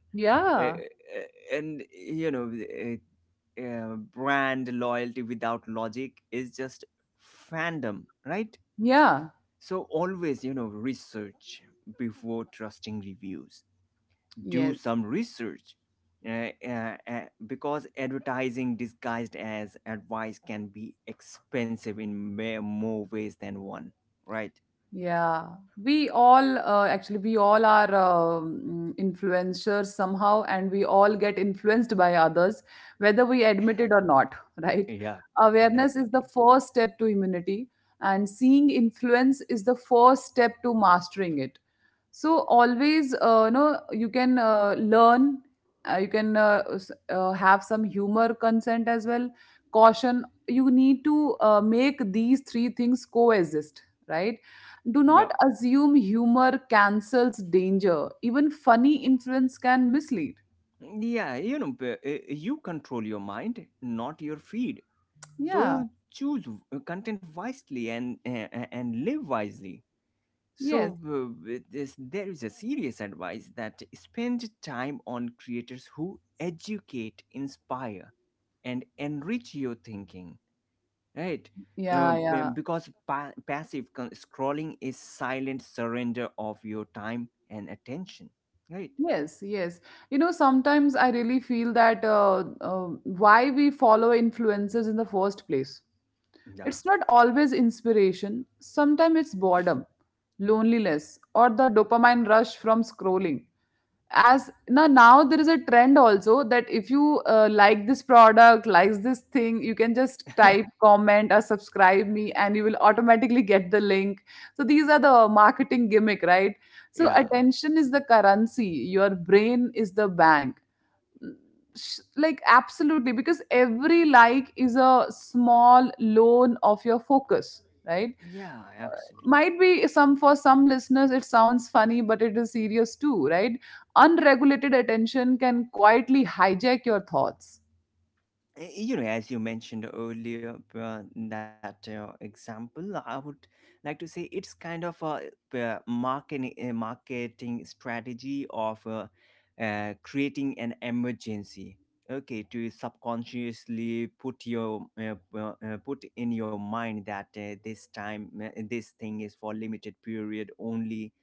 S2: Uh,
S1: Yeah.
S2: uh, and you know, uh, uh, brand loyalty without logic is just fandom, right?
S1: Yeah.
S2: So always, you know, research before trusting reviews, do
S1: Yes.
S2: some research, uh, uh, uh, because advertising disguised as advice can be expensive in ma- more ways than one, right?
S1: Yeah, we all uh, actually we all are um, influencers somehow, and we all get influenced by others, whether we admit it or not, right?
S2: Yeah.
S1: Awareness is the
S2: Definitely.
S1: first step to immunity, and seeing influence is the first step to mastering it. So always, uh, you know you can uh, learn, uh, you can uh, s- uh, have some humor, consent as well, caution. You need to uh, make these three things coexist, right? Do
S2: Yeah.
S1: not assume humor cancels danger. Even funny influence can mislead.
S2: Yeah, you know, p- uh, you control your mind, not your feed.
S1: Yeah.
S2: So choose uh, content wisely and uh, uh, and live wisely. So
S1: Yes.
S2: uh, it is- there is a serious advice that spend time on creators who educate, inspire, and enrich your thinking, right? Uh,
S1: Yeah.
S2: um,
S1: Yeah.
S2: because pa- passive con- scrolling is silent surrender of your time and attention, right?
S1: Yes, yes. You know, sometimes I really feel that, uh, uh, why we follow influencers in the first place.
S2: Yeah.
S1: It's not always inspiration, sometimes it's boredom, loneliness, or the dopamine rush from scrolling, as now now there is a trend also that if you, uh, like this product, likes this thing, you can just type comment or subscribe me and you will automatically get the link. So these are the marketing gimmick, right? So
S2: Yeah,
S1: attention is the currency, your brain is the bank. Mm, sh- like absolutely, because every like is a small loan of your focus, right?
S2: yeah, absolutely.
S1: Might be some, for some listeners it sounds funny, but it is serious too, right? Unregulated attention can quietly hijack your thoughts.
S2: Y- you know, as you mentioned earlier uh, that uh, example, I would like to say it's kind of a, uh, marketing uh, marketing strategy of uh, uh, creating an emergency, okay, to subconsciously put your uh, uh, uh, put in your mind that uh, this time, uh, this thing is for limited period only,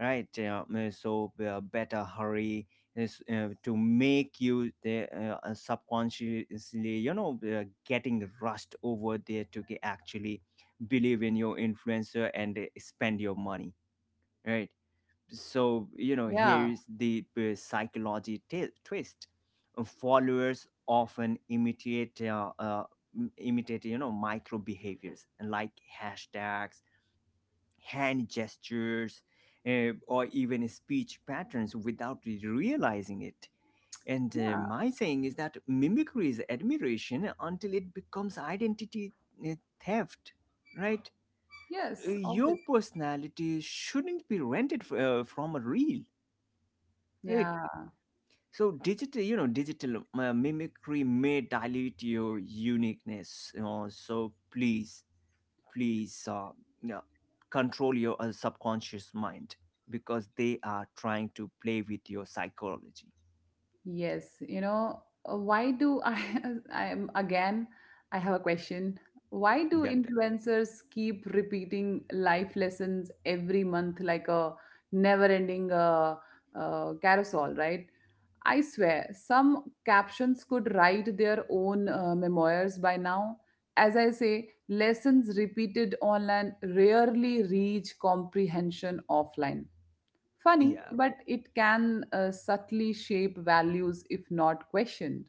S2: right? Uh, uh, so uh, better hurry, is uh, to make you the, uh, subconsciously, you know, uh, getting rushed over there to ge- actually believe in your influencer and uh, spend your money, right? So you know, here
S1: Yeah.
S2: is the, uh, psychology t- twist, followers often imitate, uh, uh, imitate you know, micro behaviors like hashtags, hand gestures, uh, or even speech patterns without realizing it. And uh,
S1: Yeah.
S2: my saying is that mimicry is admiration until it becomes identity uh, theft, right? Uh,
S1: Yes,
S2: Your
S1: obviously.
S2: personality shouldn't be rented f- uh, from a reel, right?
S1: Yeah.
S2: So digital, you know, digital uh, mimicry may dilute your uniqueness. Uh, so please, please uh, yeah, control your uh, subconscious mind, because they are trying to play with your psychology.
S1: Yes, you know, uh, why do I, I am again, I have a question. Why do
S2: That.
S1: influencers keep repeating life lessons every month like a never-ending uh, uh, carousel, right? I swear, some captions could write their own uh, memoirs by now. As I say, lessons repeated online rarely reach comprehension offline. Funny,
S2: Yeah.
S1: but it can uh, subtly shape values if not questioned.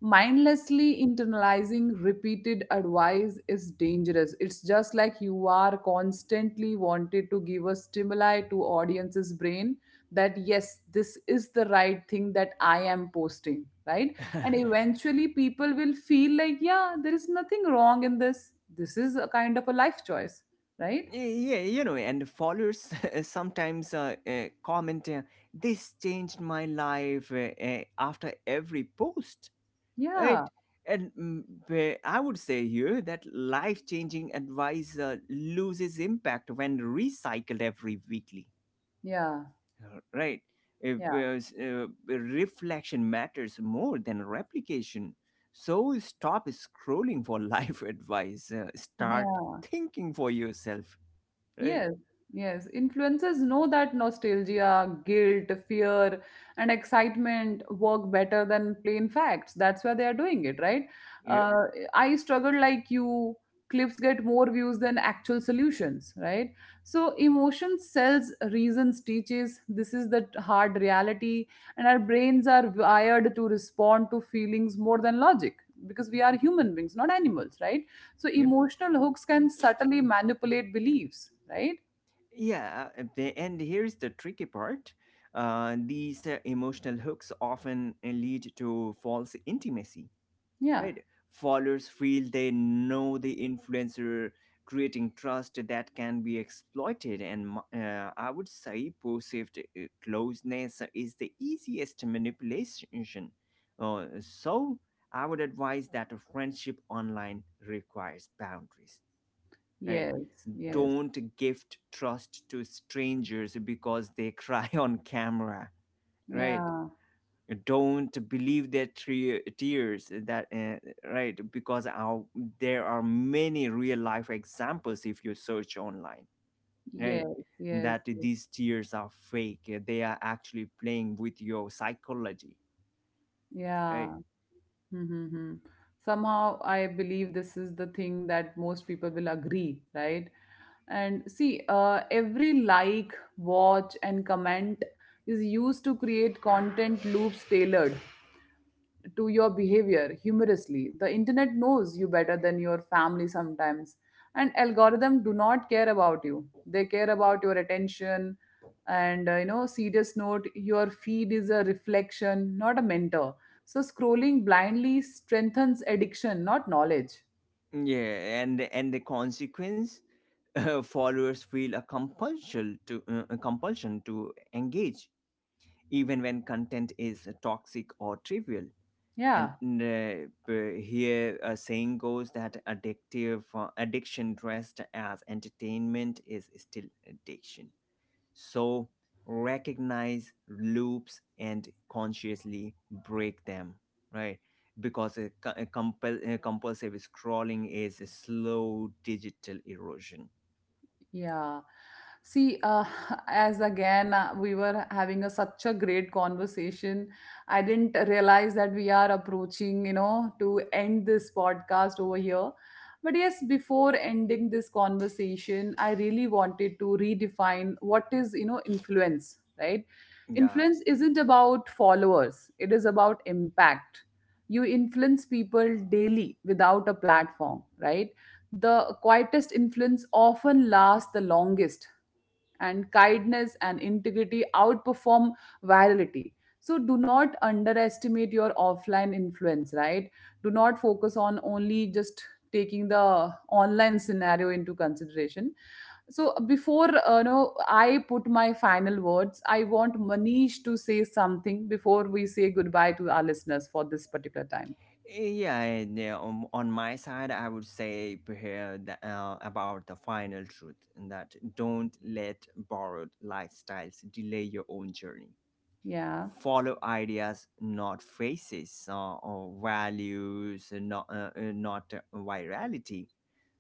S1: Mindlessly internalizing repeated advice is dangerous. It's just like you are constantly wanted to give a stimuli to audience's brain that yes, this is the right thing that I am posting, right? And eventually people will feel like, yeah, there is nothing wrong in this. This is a kind of a life choice, right?
S2: Yeah, you know, and followers sometimes uh, uh, comment, uh, this changed my life, uh, uh, after every post,
S1: Yeah,
S2: right? And mm, b- I would say here that life changing advice uh, loses impact when recycled every weekly.
S1: yeah,
S2: Uh, right? If,
S1: yeah,
S2: uh, uh, reflection matters more than replication, so stop scrolling for life advice, uh, start
S1: yeah.
S2: thinking for yourself, right?
S1: Yes, yes. Influencers know that nostalgia, guilt, fear, and excitement work better than plain facts. That's why they are doing it, right?
S2: Yeah.
S1: Uh, I struggle like you. Clips get more views than actual solutions, right? So emotion sells, reasons teaches. This is the hard reality, and our brains are wired to respond to feelings more than logic, because we are human beings, not animals, right? So
S2: Yep.
S1: emotional hooks can subtly manipulate beliefs, right?
S2: Yeah, uh, the- and here's the tricky part, uh, these uh, emotional hooks often uh, lead to false intimacy,
S1: Yeah.
S2: right? Followers feel they know the influencer, creating trust that can be exploited, and mo- uh, I would say perceived uh, closeness is the easiest manipulation. Uh, so I would advise that a friendship online requires boundaries, right?
S1: Yes. Yes.
S2: Don't gift trust to strangers because they cry on camera, right?
S1: Yeah.
S2: Don't believe their tre- tears that uh, right, because our, there are many real life examples if you search online, right,
S1: Yes. Yes,
S2: that
S1: yes.
S2: these tears are fake. Uh, they are actually playing with your psychology, right?
S1: Yeah. Mm-hmm. Somehow I believe this is the thing that most people will agree, right? And see, uh, every like, watch, and comment is used to create content loops tailored to your behavior humorously. The internet knows you better than your family sometimes, and algorithm do not care about you. They care about your attention. And uh, you know, serious note, your feed is a reflection, not a mentor. So scrolling blindly strengthens addiction, not knowledge.
S2: Yeah. and and the consequence, uh, followers feel a compulsion to uh, a compulsion to engage even when content is toxic or trivial. And
S1: Yeah.
S2: uh, b- here a saying goes that addictive uh, addiction dressed as entertainment is still addiction. So recognize loops and consciously break them, right? Because a, co- a compel, a compulsive scrolling is a slow digital erosion.
S1: Yeah. See, uh, as again, uh, we were having a, such a great conversation. I didn't realize that we are approaching, you know, to end this podcast over here. But yes, before ending this conversation, I really wanted to redefine what is, you know, influence, right?
S2: Yeah.
S1: Influence isn't about followers, it is about impact. You influence people daily without a platform, right? The quietest influence often lasts the longest, and kindness and integrity outperform virality. So, do not underestimate your offline influence, right? Do not focus on only just taking the online scenario into consideration. So before, uh, you know I put my final words, I want Manish to say something before we say goodbye to our listeners for this particular time.
S2: Yeah, and, yeah, on, on my side, I would say perhaps the- uh, about the final truth, and that, don't let borrowed lifestyles delay your own journey.
S1: Yeah.
S2: Follow ideas, not faces, uh, or values, uh, not uh, uh, not uh, virality,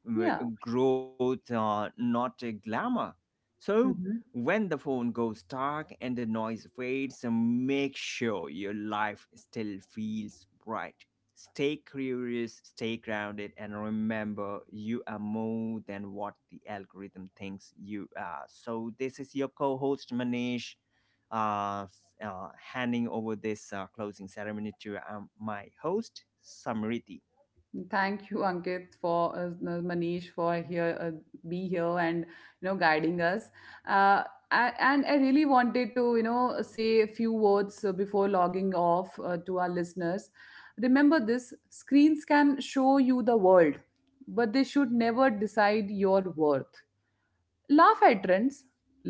S2: w-
S1: Yeah.
S2: growth, uh, not a glamour. So
S1: Mhm.
S2: when the phone goes dark and the noise fades, uh, make sure your life still feels bright. Stay curious, stay grounded, and remember, you are more than what the algorithm thinks you are. So this is your co-host Manish, uh, s- uh, handing over this uh, closing ceremony to um, my host, Samriti.
S1: Thank you, Ankit, for uh, uh, Manish for here uh, be here and, you know, guiding us. Uh, I, and I really wanted to, you know, say a few words uh, before logging off uh, to our listeners. Remember this: screens can show you the world, but they should never decide your worth. Laugh at trends,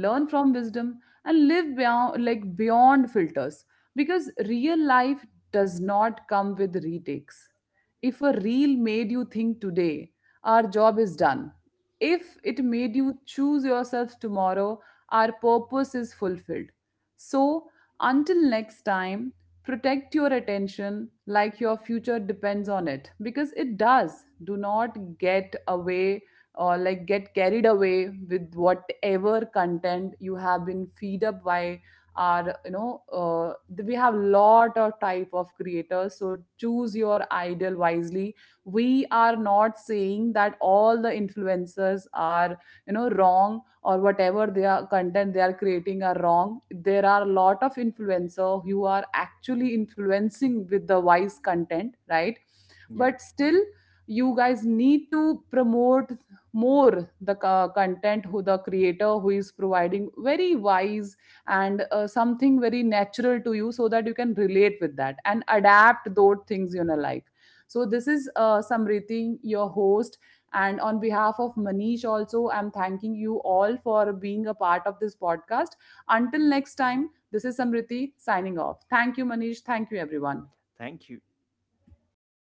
S1: learn from wisdom, and live beyond, like beyond filters, because real life does not come with retakes. If a reel made you think today, our job is done. If it made you choose yourself tomorrow, our purpose is fulfilled. So until next time, protect your attention like your future depends on it, because it does. Do not get away, or like get carried away with whatever content you have been feed up by our, you know, uh, th- we have lot of type of creators. So choose your idol wisely. We are not saying that all the influencers are, you know, wrong, or whatever their content they are creating are wrong. There are a lot of influencer who are actually influencing with the wise content, right?
S2: Yeah.
S1: But still, you guys need to promote more the co- content, who the creator who is providing very wise and uh, something very natural to you, so that you can relate with that and adapt those things in your life. So this is, uh, Samriti, your host, and on behalf of Manish also, I'm thanking you all for being a part of this podcast. Until next time, this is Samriti signing off. Thank you, Manish. Thank you, everyone.
S2: Thank you.